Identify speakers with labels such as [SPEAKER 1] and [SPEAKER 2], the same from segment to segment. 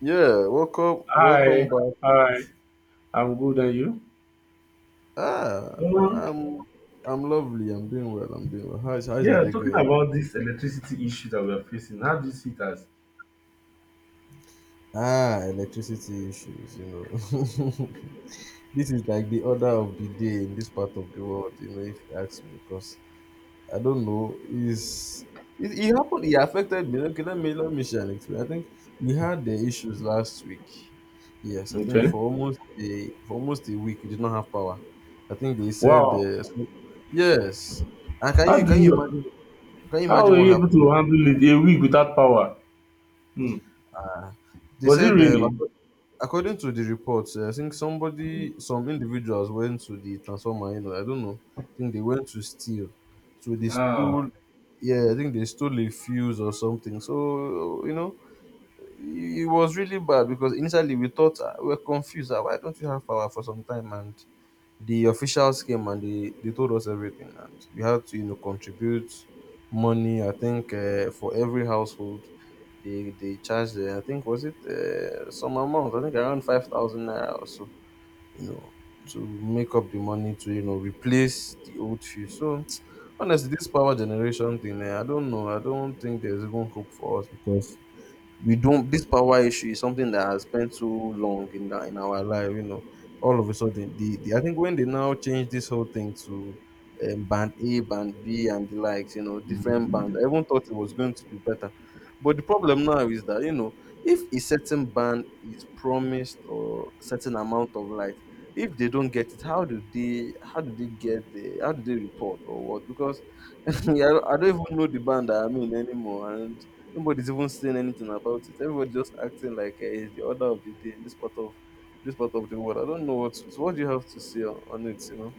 [SPEAKER 1] Yeah, welcome, welcome
[SPEAKER 2] Hi,
[SPEAKER 1] back.
[SPEAKER 2] hi. I'm good, and you?
[SPEAKER 1] Ah,
[SPEAKER 2] Um,
[SPEAKER 1] I'm I'm lovely. I'm doing well. I'm doing well. How's your
[SPEAKER 2] yeah,
[SPEAKER 1] day
[SPEAKER 2] talking
[SPEAKER 1] going?
[SPEAKER 2] about this electricity issue that we are facing, how do you see it as?
[SPEAKER 1] Ah, electricity issues. You know, this is like the order of the day in this part of the world. You know, if you ask me, because I don't know. It happened. It affected me. Okay, let me share an experience. I think we had the issues last week. Yes, I think
[SPEAKER 2] Okay.
[SPEAKER 1] for almost a week we did not have power. I think they said
[SPEAKER 2] Wow.
[SPEAKER 1] yes. And can
[SPEAKER 2] How
[SPEAKER 1] you
[SPEAKER 2] do
[SPEAKER 1] can you
[SPEAKER 2] you?
[SPEAKER 1] imagine, can you
[SPEAKER 2] How
[SPEAKER 1] imagine
[SPEAKER 2] were
[SPEAKER 1] what
[SPEAKER 2] you able
[SPEAKER 1] happened?
[SPEAKER 2] to handle it a week without power? Hmm.
[SPEAKER 1] Ah, they
[SPEAKER 2] Was it
[SPEAKER 1] said
[SPEAKER 2] raining?
[SPEAKER 1] according to the report, I think somebody, some individuals went to the transformer. You know, I don't know. I think they went to steal. So they
[SPEAKER 2] Ah,
[SPEAKER 1] stole. Yeah, I think they stole a fuse or something. So you know, it was really bad because initially we thought we were confused. Why don't we have power for some time? And the officials came and they told us everything, and we had to contribute money. I think for every household they charged, I think was it, some amount, I think around 5,000 naira or so, you know, to make up the money to, you know, replace the old fuse. So honestly, this power generation thing, I don't know, I don't think there's even hope for us, because we don't this power issue is something that has spent too long in that, in our life, you know. All of a sudden, the I think when they now change this whole thing to band A, band B, and the likes, you know, different bands, I even thought it was going to be better. But the problem now is that, you know, if a certain band is promised or certain amount of light, if they don't get it, how do they get the, how do they report, or what? Because yeah, I don't even know the band that I'm in anymore. And nobody's even saying anything about it. Everybody's just acting like, it's the order of the day in this part of the world. I don't know what to, so what do you have to say on it. You know?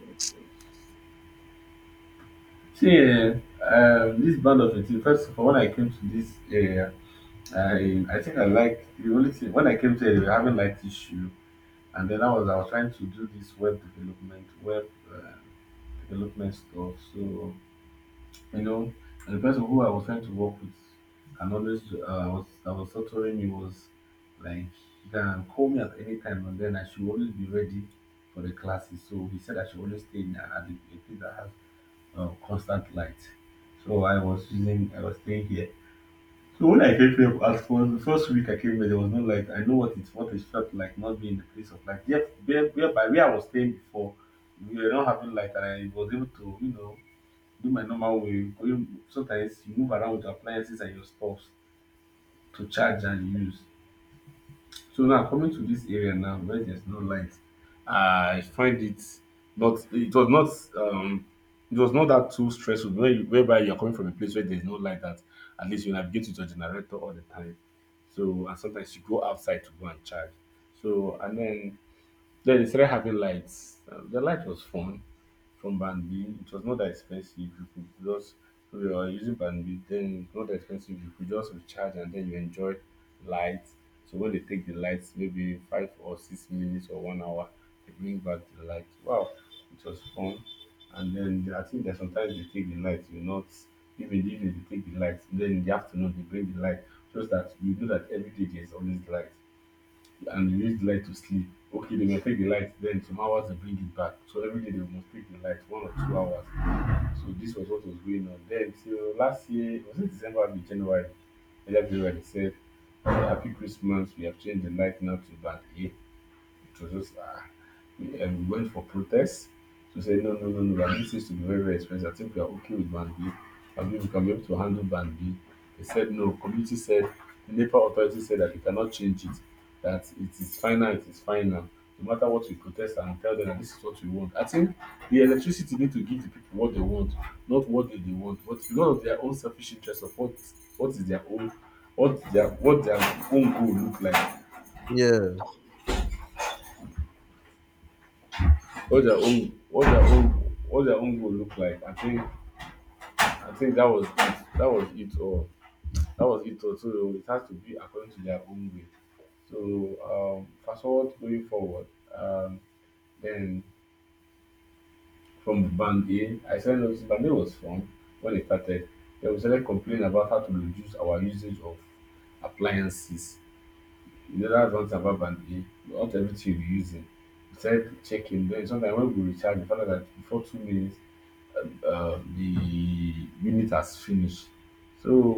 [SPEAKER 2] I find it not. It was not.
[SPEAKER 1] Yeah,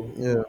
[SPEAKER 1] yeah,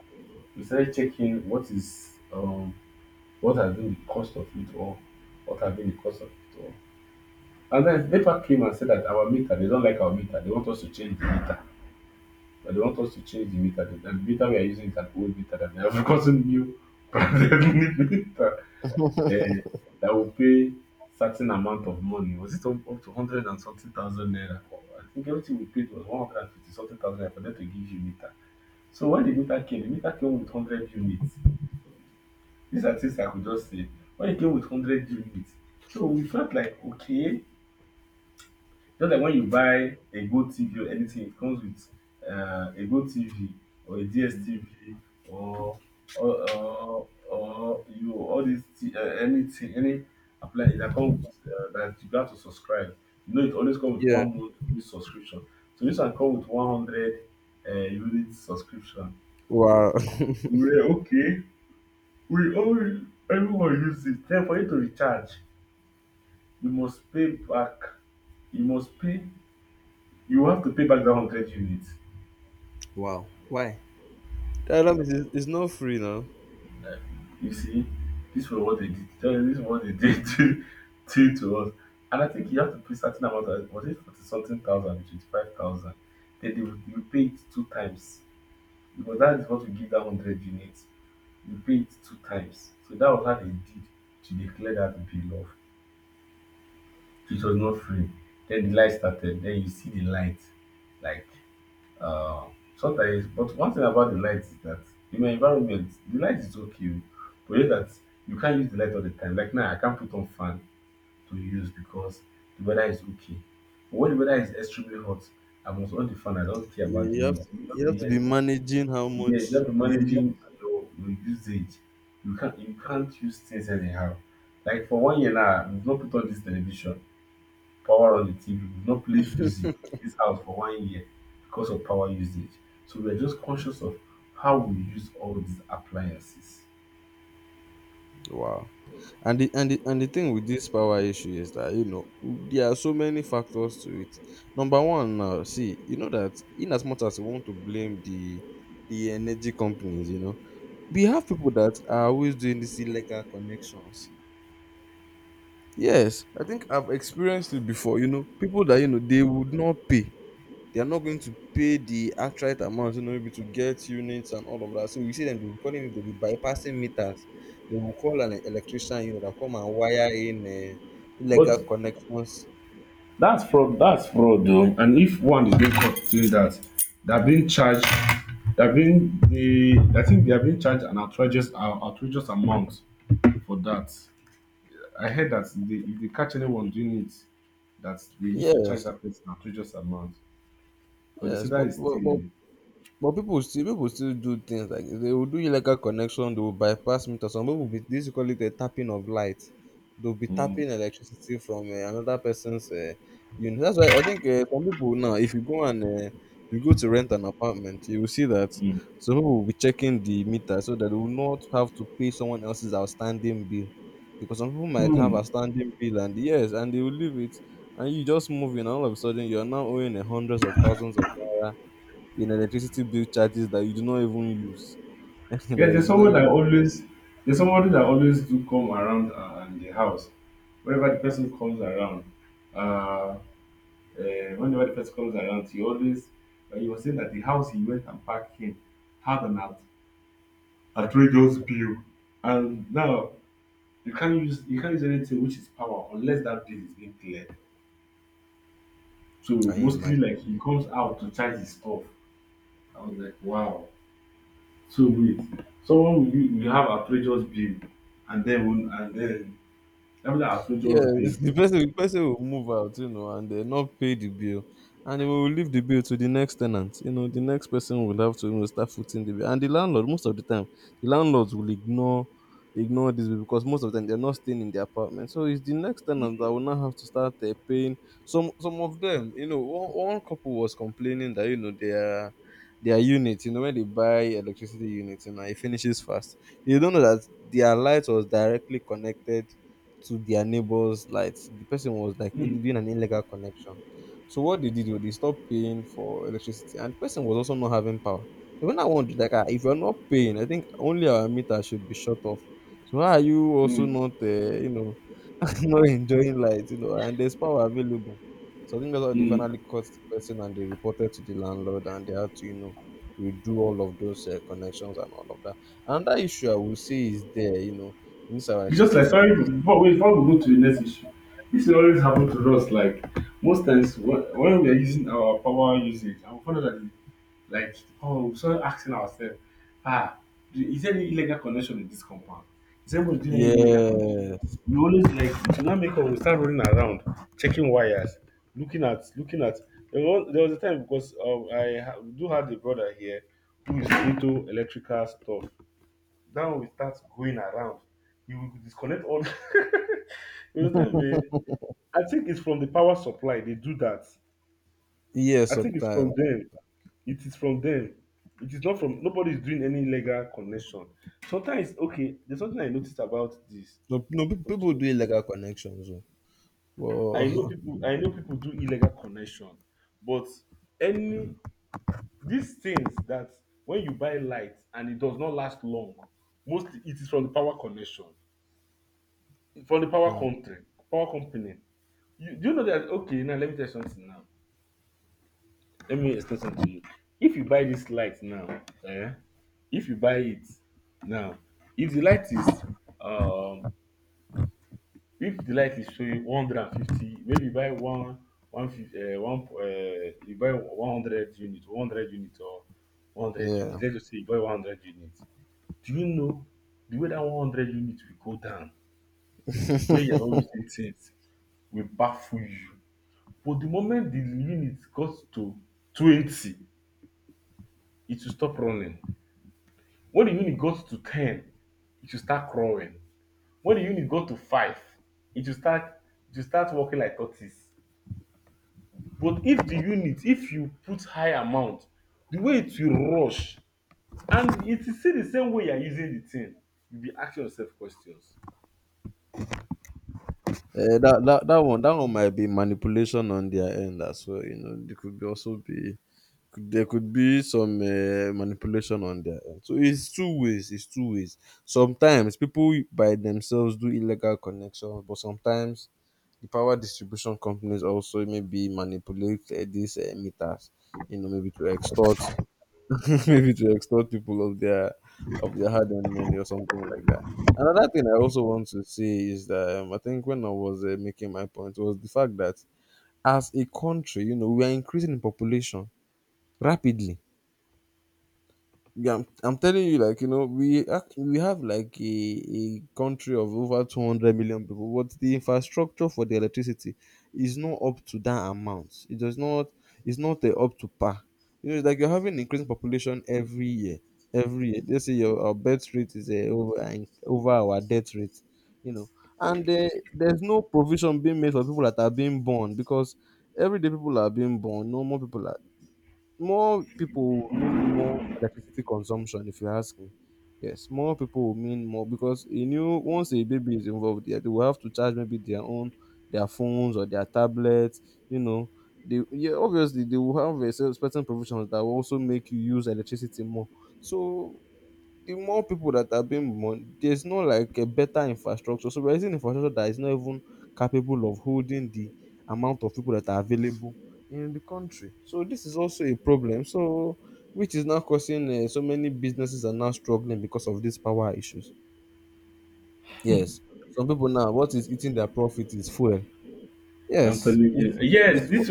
[SPEAKER 1] yeah. Wow, wow. Why? Dialogue is not free now. Yeah, you have to be managing how much you. Wow. And the thing with this power issue is that, you know, there are so many factors to it. Number one, now see, you know that, in as much as we want to blame the energy companies, you know, we have people that are always doing these illegal connections. Yes, I think I've experienced it before. You know, people that, you know, they would not pay. They are not going to pay the actual amount, you know, maybe to get units and all of that. So you see them, they'll be calling it, they'll be bypassing meters. They will call an electrician, you know, that come and wire in
[SPEAKER 2] But
[SPEAKER 1] illegal connections.
[SPEAKER 2] that's fraud. That's fraud, though. And if one is being caught doing that, they're being charged. They're being the. I think they are being charged an outrageous, outrageous amount.
[SPEAKER 1] Yes, yes, but people still, do things like, they will do illegal connection, they will bypass meter. Some people be this, you call it a tapping of light. They'll be tapping electricity from, another person's, unit. That's why I think, some people now, if you go and, you go to rent an apartment, you will see that
[SPEAKER 2] Hmm.
[SPEAKER 1] some people will be checking the meter, so that they will not have to pay someone else's outstanding bill. Because some people might have
[SPEAKER 2] Hmm.
[SPEAKER 1] a standing bill, and yes, and they will leave it, and you just move in, and all of a sudden you are now owing, hundreds of thousands of naira in electricity bill charges that you do not even use, that you do not even, can you imagine? Yeah, the person will move out, you know, and they not pay the bill, and they will leave the bill to the next tenant. You know, the next person will have to, you know, start footing the bill. And the landlord, most of the time, the landlords will ignore, this bill, because most of them, they're not staying in the apartment. So it's the next tenant that will now have to start, paying. Some of them, you know, one couple was complaining that, you know, their unit, you know, when they buy electricity units, you know, it finishes fast. You don't know that their light was directly connected to their neighbor's lights. The person was like, doing an illegal connection. So what they did was, they stopped paying for electricity, and the person was also not having power. And when I wondered, like, ah, if you're not paying, I think only our meter should be shut off. So why are you also not, you know, not enjoying light, you know? And there's power available. So I think that's how they finally caught the person, and they reported to the landlord, and they had to, you know, redo all of those, connections and all of that. Another issue I would say is there, you know, in this our electricity. Yes. Yes, sometimes. No, no, people do illegal connections. Oh. But hmm, yeah. Eh, that one might be manipulation on their end as well. You know, there could be also be, there could be some, manipulation on their end. So it's two ways. It's two ways. Sometimes people by themselves do illegal connections, but sometimes the power distribution companies also maybe manipulate, these, meters. You know, maybe to extort, maybe to extort people of their, hard-earned money or something like that. Another thing I also want to say is that, I think when I was, making my point was the fact that, as a country, you know, we are increasing in population rapidly. Yeah, I'm telling you, like, you know, we we have like a country of over 200 million people, but the infrastructure for the electricity is not up to that amount. It does not. It's not, up to par. You know, it's like you're having increasing population every year. Every year, let's say your our birth rate is, over our death rate. You know, and there's no provision being made for people that are being born, because every day people are being born. No More people are, more people will mean more electricity consumption, if you ask me. Yes, more people will mean more, because a new once a baby is involved, yeah, they will have to charge maybe their own, their phones or their tablets, you know. They, yeah, obviously they will have a certain provisions that will also make you use electricity more. So the more people that are being born, there's no like a better infrastructure. So we're using infrastructure that is not even capable of holding the amount of people that are available in the country. So this is also a problem. So, which is now causing, so many businesses are now struggling because of these power issues. Yes, some people now, what is eating their profit is fuel.
[SPEAKER 2] I'm
[SPEAKER 1] Yes,
[SPEAKER 2] telling you.
[SPEAKER 1] it's it's fu-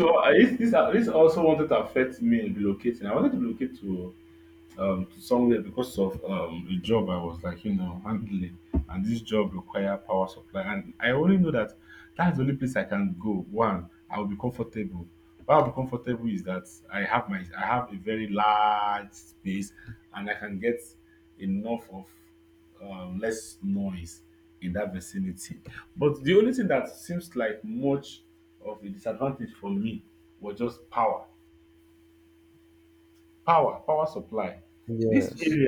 [SPEAKER 1] yes.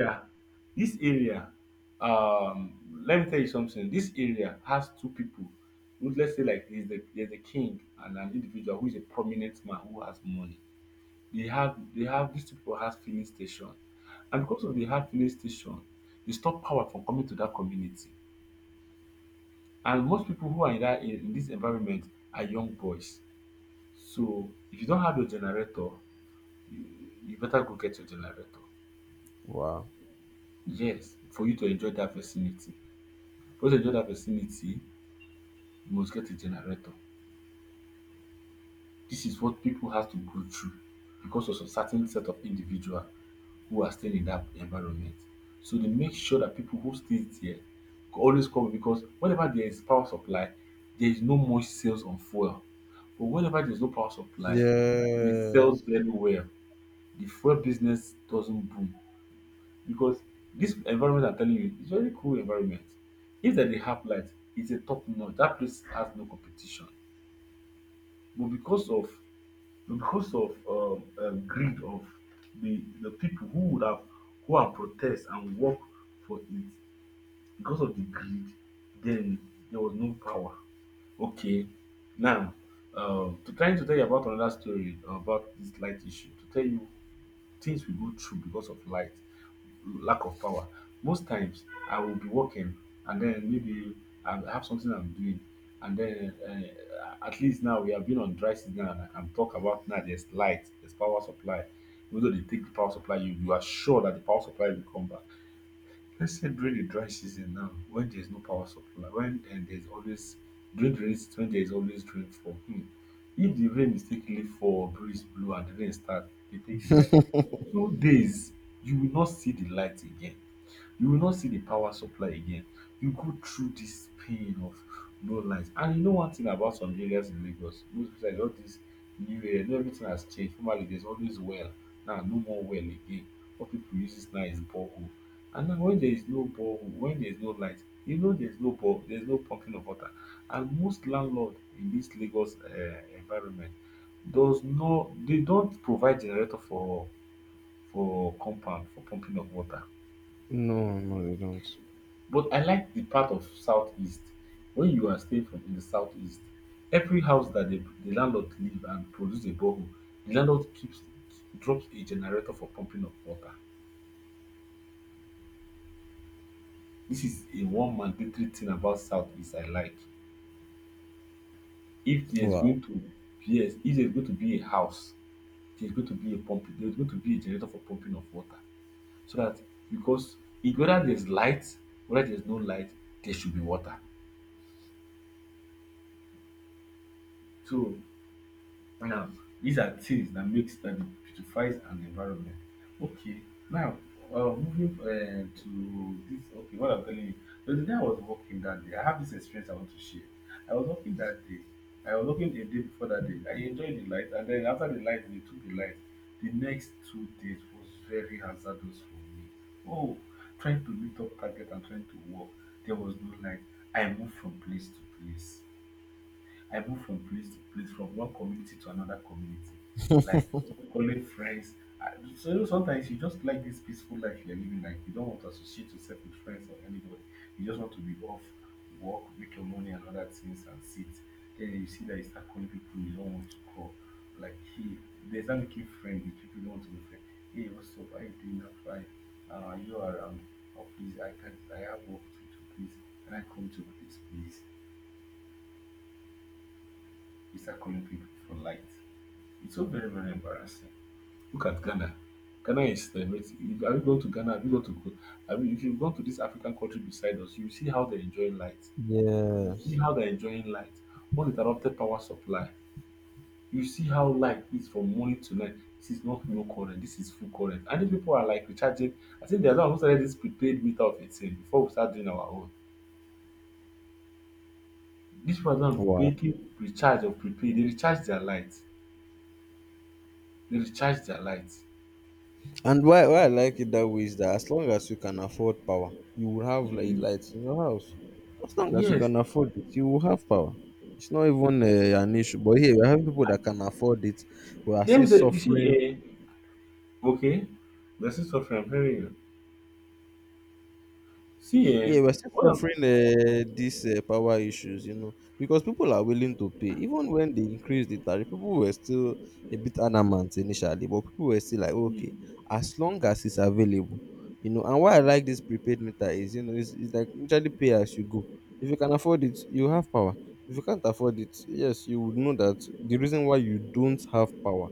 [SPEAKER 1] Wow. Yes. No, no, they don't. Wow. Yes. Wow. And why I like it that way is that, as long as you can afford power, you will have like lights in your house. As long as you can afford it, you will have power. It's not even, an issue. But here, we have people that can afford it, but are still suffering.
[SPEAKER 2] Okay. This is what I'm hearing. See, eh,
[SPEAKER 1] Yeah, we're still
[SPEAKER 2] what I'm
[SPEAKER 1] suffering, these, power issues, you know, because people are willing to pay. Even when they increased the tariff, people were still a bit adamant initially, but people were still like, okay, as long as it's available, you know. And why I like this prepaid meter is, you know, it's like literally pay as you go. If you can afford it, you have power. If you can't afford it, yes, you would know that the reason why you don't have power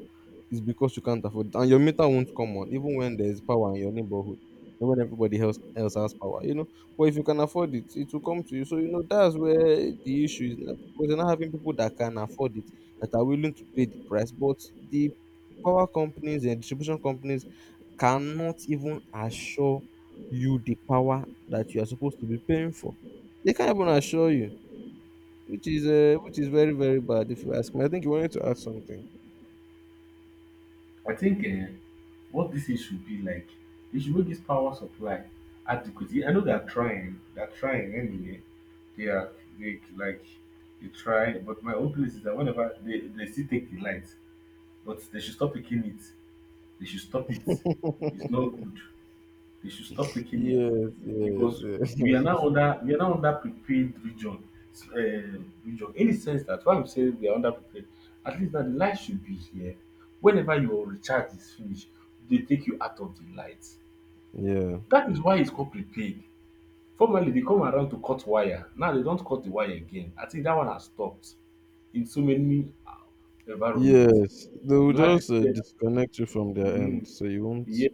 [SPEAKER 1] is because you can't afford it, and your meter won't come on even when there's power in your neighborhood, and when everybody else else has power. You know. But if you can afford it, it will come to you. So you know, that's where the issue is now, because you're not having people that can afford it that are willing to pay the price. But the power companies and distribution companies cannot even assure you the power that you are supposed to be paying for. They can't even assure you, which is very very bad. If you ask me, I think you wanted to ask something. Yes, yes, yes. Yeah. Yes. They will just disconnect you from their end. So you won't.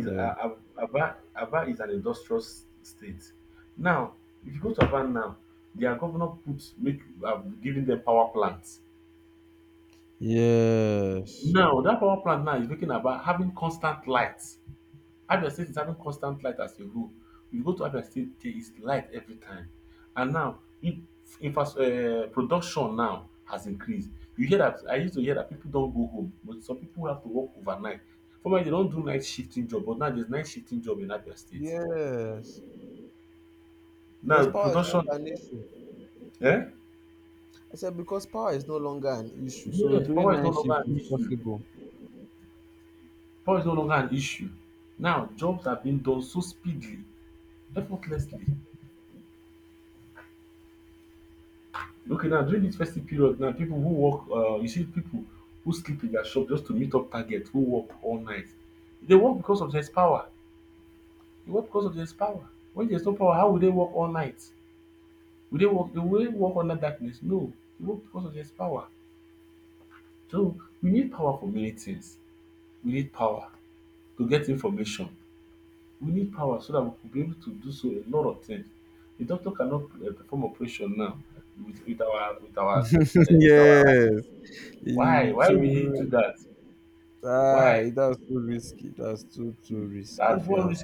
[SPEAKER 1] Yeah. Yes. Yes. Because power is not an issue. I said because power is no longer an issue. So doing nine shift is possible. Yes. So that's too risky. That's too risky if you ask.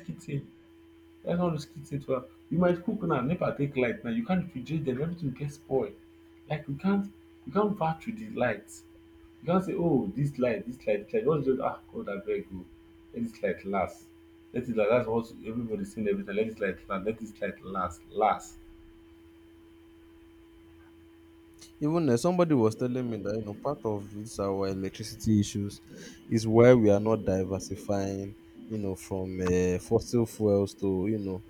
[SPEAKER 1] Even somebody was telling me that you know part of this our electricity issues is why we are not diversifying, you know, from fossil fuels to you know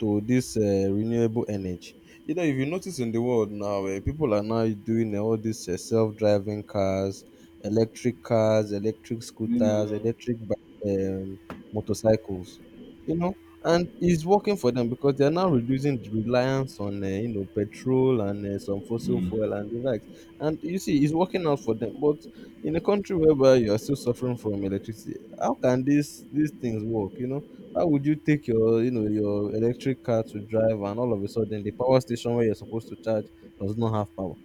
[SPEAKER 1] to this renewable energy. You know, if you notice in the world now, people are now doing all these self-driving cars, electric scooters, um, motorcycles. You know, and it's working for them because they're now reducing the reliance on you know petrol and some fossil fuel and the likes, and you see it's working out for them, but in a country whereby you are still suffering from electricity, how can these things work, you know? How would you take your you know your electric car to drive and all of a sudden the power station where you're supposed to charge does not have power,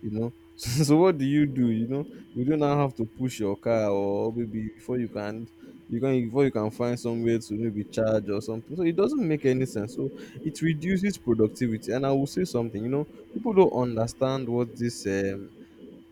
[SPEAKER 1] you know? So what do? You know, we do not have to push your car, or maybe before you can, before you can find somewhere to maybe charge or something. So it doesn't make any sense. So it reduces productivity. And I will say something, you know, people don't understand what this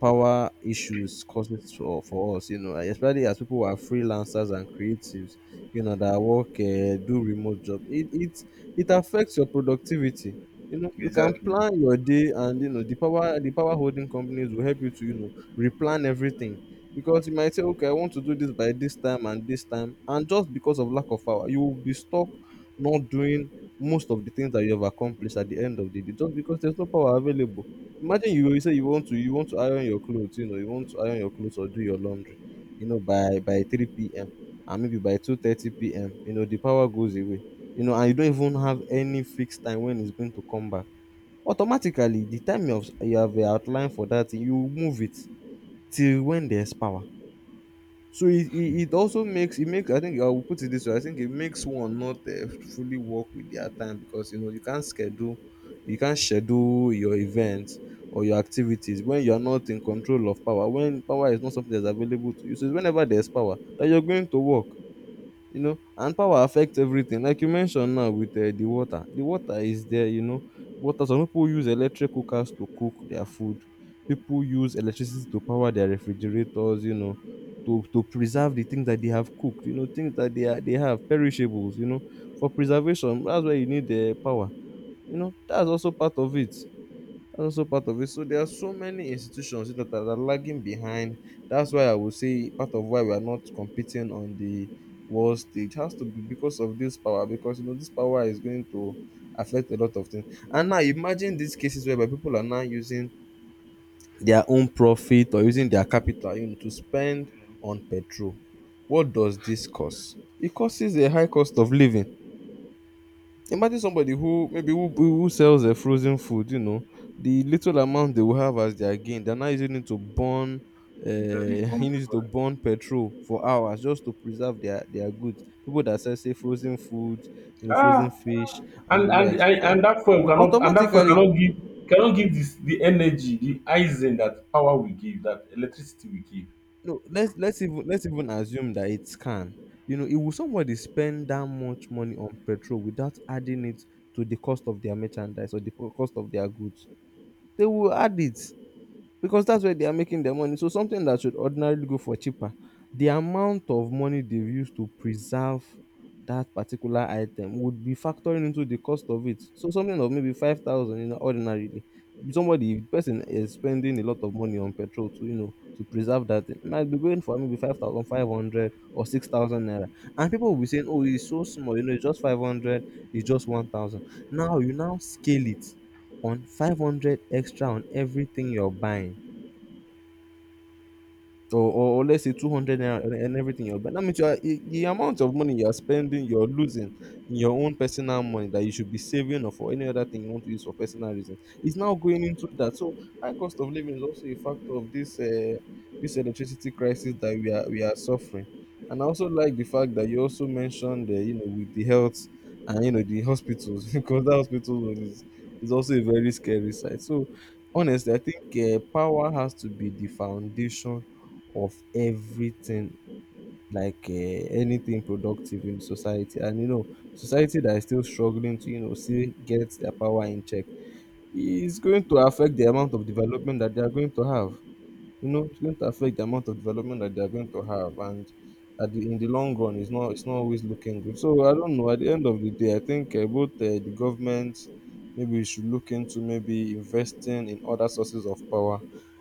[SPEAKER 1] power issues causes for us, you know, like, especially as people who are freelancers and creatives, you know, that work, do remote job. It affects your productivity. You know, you can plan your day, and you know the power holding companies will help you to you know replan everything, because you might say, okay, I want to do this by this time, and just because of lack of power, you will be stuck not doing most of the things that you have accomplished at the end of the day just because there's no power available. Imagine you say you want to iron your clothes, you know, you want to iron your clothes or do your laundry, you know, by three p.m., and maybe by 2:30 p.m., you know, the power goes away. You know, and you don't even have any fixed time when it's going to come back. Automatically, the time you have outlined for that thing, you move it till when there's power. So it also makes it makes I think I will put it this way, I think it makes one not fully work with their time, because you know you can't schedule your events or your activities when you are not in control of power, when power is not something that's available to you, so it's whenever there's power that you're going to work, you know. And power affects everything, like you mentioned now, with the water is there, you know, water. Some people use electric cookers to cook their food, people use electricity to power their refrigerators, you know, to preserve the things that they have cooked, you know, things that they have, perishables, you know, for preservation, that's why you need the power, you know, that's also part of it, that's also part of it. So there are so many institutions that are, lagging behind. That's why I would say part of why we are not competing on the world stage has to be because of this power. Because you know this power is going to affect a lot of things. And now imagine these cases whereby people are now using their own profit or using their capital, you know, to spend on petrol. What does this cause? It causes a high cost of living. Imagine somebody who maybe who sells a frozen food, you know, the little amount they will have as their gain, they're now using it to burn, you need to burn petrol for hours just to preserve their goods. People that sell say frozen foods, you know, frozen fish and the likes, and automatically, no, let's even assume that it's can, you know, it will, somebody spend that much money on petrol without adding it to the cost of their merchandise or the cost of their goods? They will add it because that's where they are making their money. So something that should ordinarily go for cheaper, the amount of money they've used to preserve that particular item would be factoring into the cost of it. So something of maybe 5,000, you know, ordinarily, somebody person is spending a lot of money on petrol to you know to preserve that thing, might be going for maybe 5,500 or 6,000 naira, and people will be saying, "Oh, it's so small, you know, it's just 500, it's just 1,000." Now you now scale it on 500 extra on everything you're buying, or let's say 200 naira and, everything else. But that means you are, I- the amount of money you are spending, you're losing in your own personal money that you should be saving or for any other thing you want to use for personal reasons. It's now going into that. So high cost of living is also a factor of this this electricity crisis that we are suffering. And I also like the fact that you also mentioned the you know with the health and you know the hospitals, because that hospital one is also a very scary side. So honestly, I think power has to be the foundation of everything, like anything productive in society, and you know society that is still struggling to you know see get their power in check is going to affect the amount of development that they are going to have, you know, it's going to affect the amount of development that they are going to have. And at in the long run, it's not always looking good. So I don't know, at the end of the day I think both the government, maybe we should look into maybe investing in other sources of power.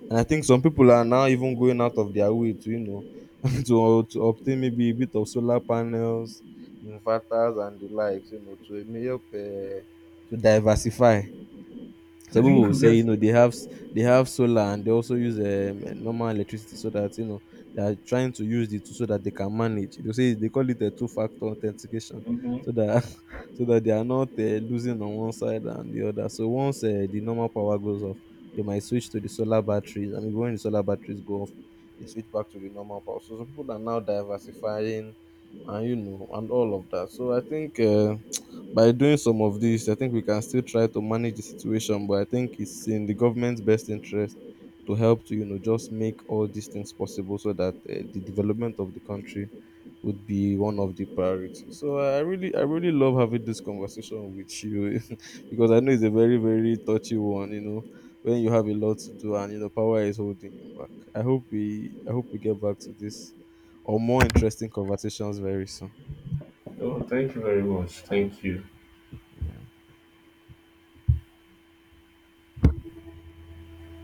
[SPEAKER 1] And I think some people are now even going out of their way to you know to obtain maybe a bit of solar panels, inverters and the likes, you know, to help to diversify. Some people will say you know they have, solar, and they also use normal electricity, so that you know they are trying to use the two so that they can manage. They say they call it a two-factor authentication, so that so that they are not losing on one side and the other. So once the normal power goes off, they might switch to the solar batteries, and maybe when the solar batteries go off, they switch back to the normal power. So some people are now diversifying, and you know, and all of that. So I think, by doing some of this, I think we can still try to manage the situation. But I think it's in the government's best interest to help to you know just make all these things possible, so that the development of the country would be one of the priorities. So I really, love having this conversation with you, because I know it's a very, very touchy one. You know, when you have a lot to do and you know power is holding you back. I hope I hope we get back to this or more interesting conversations very soon.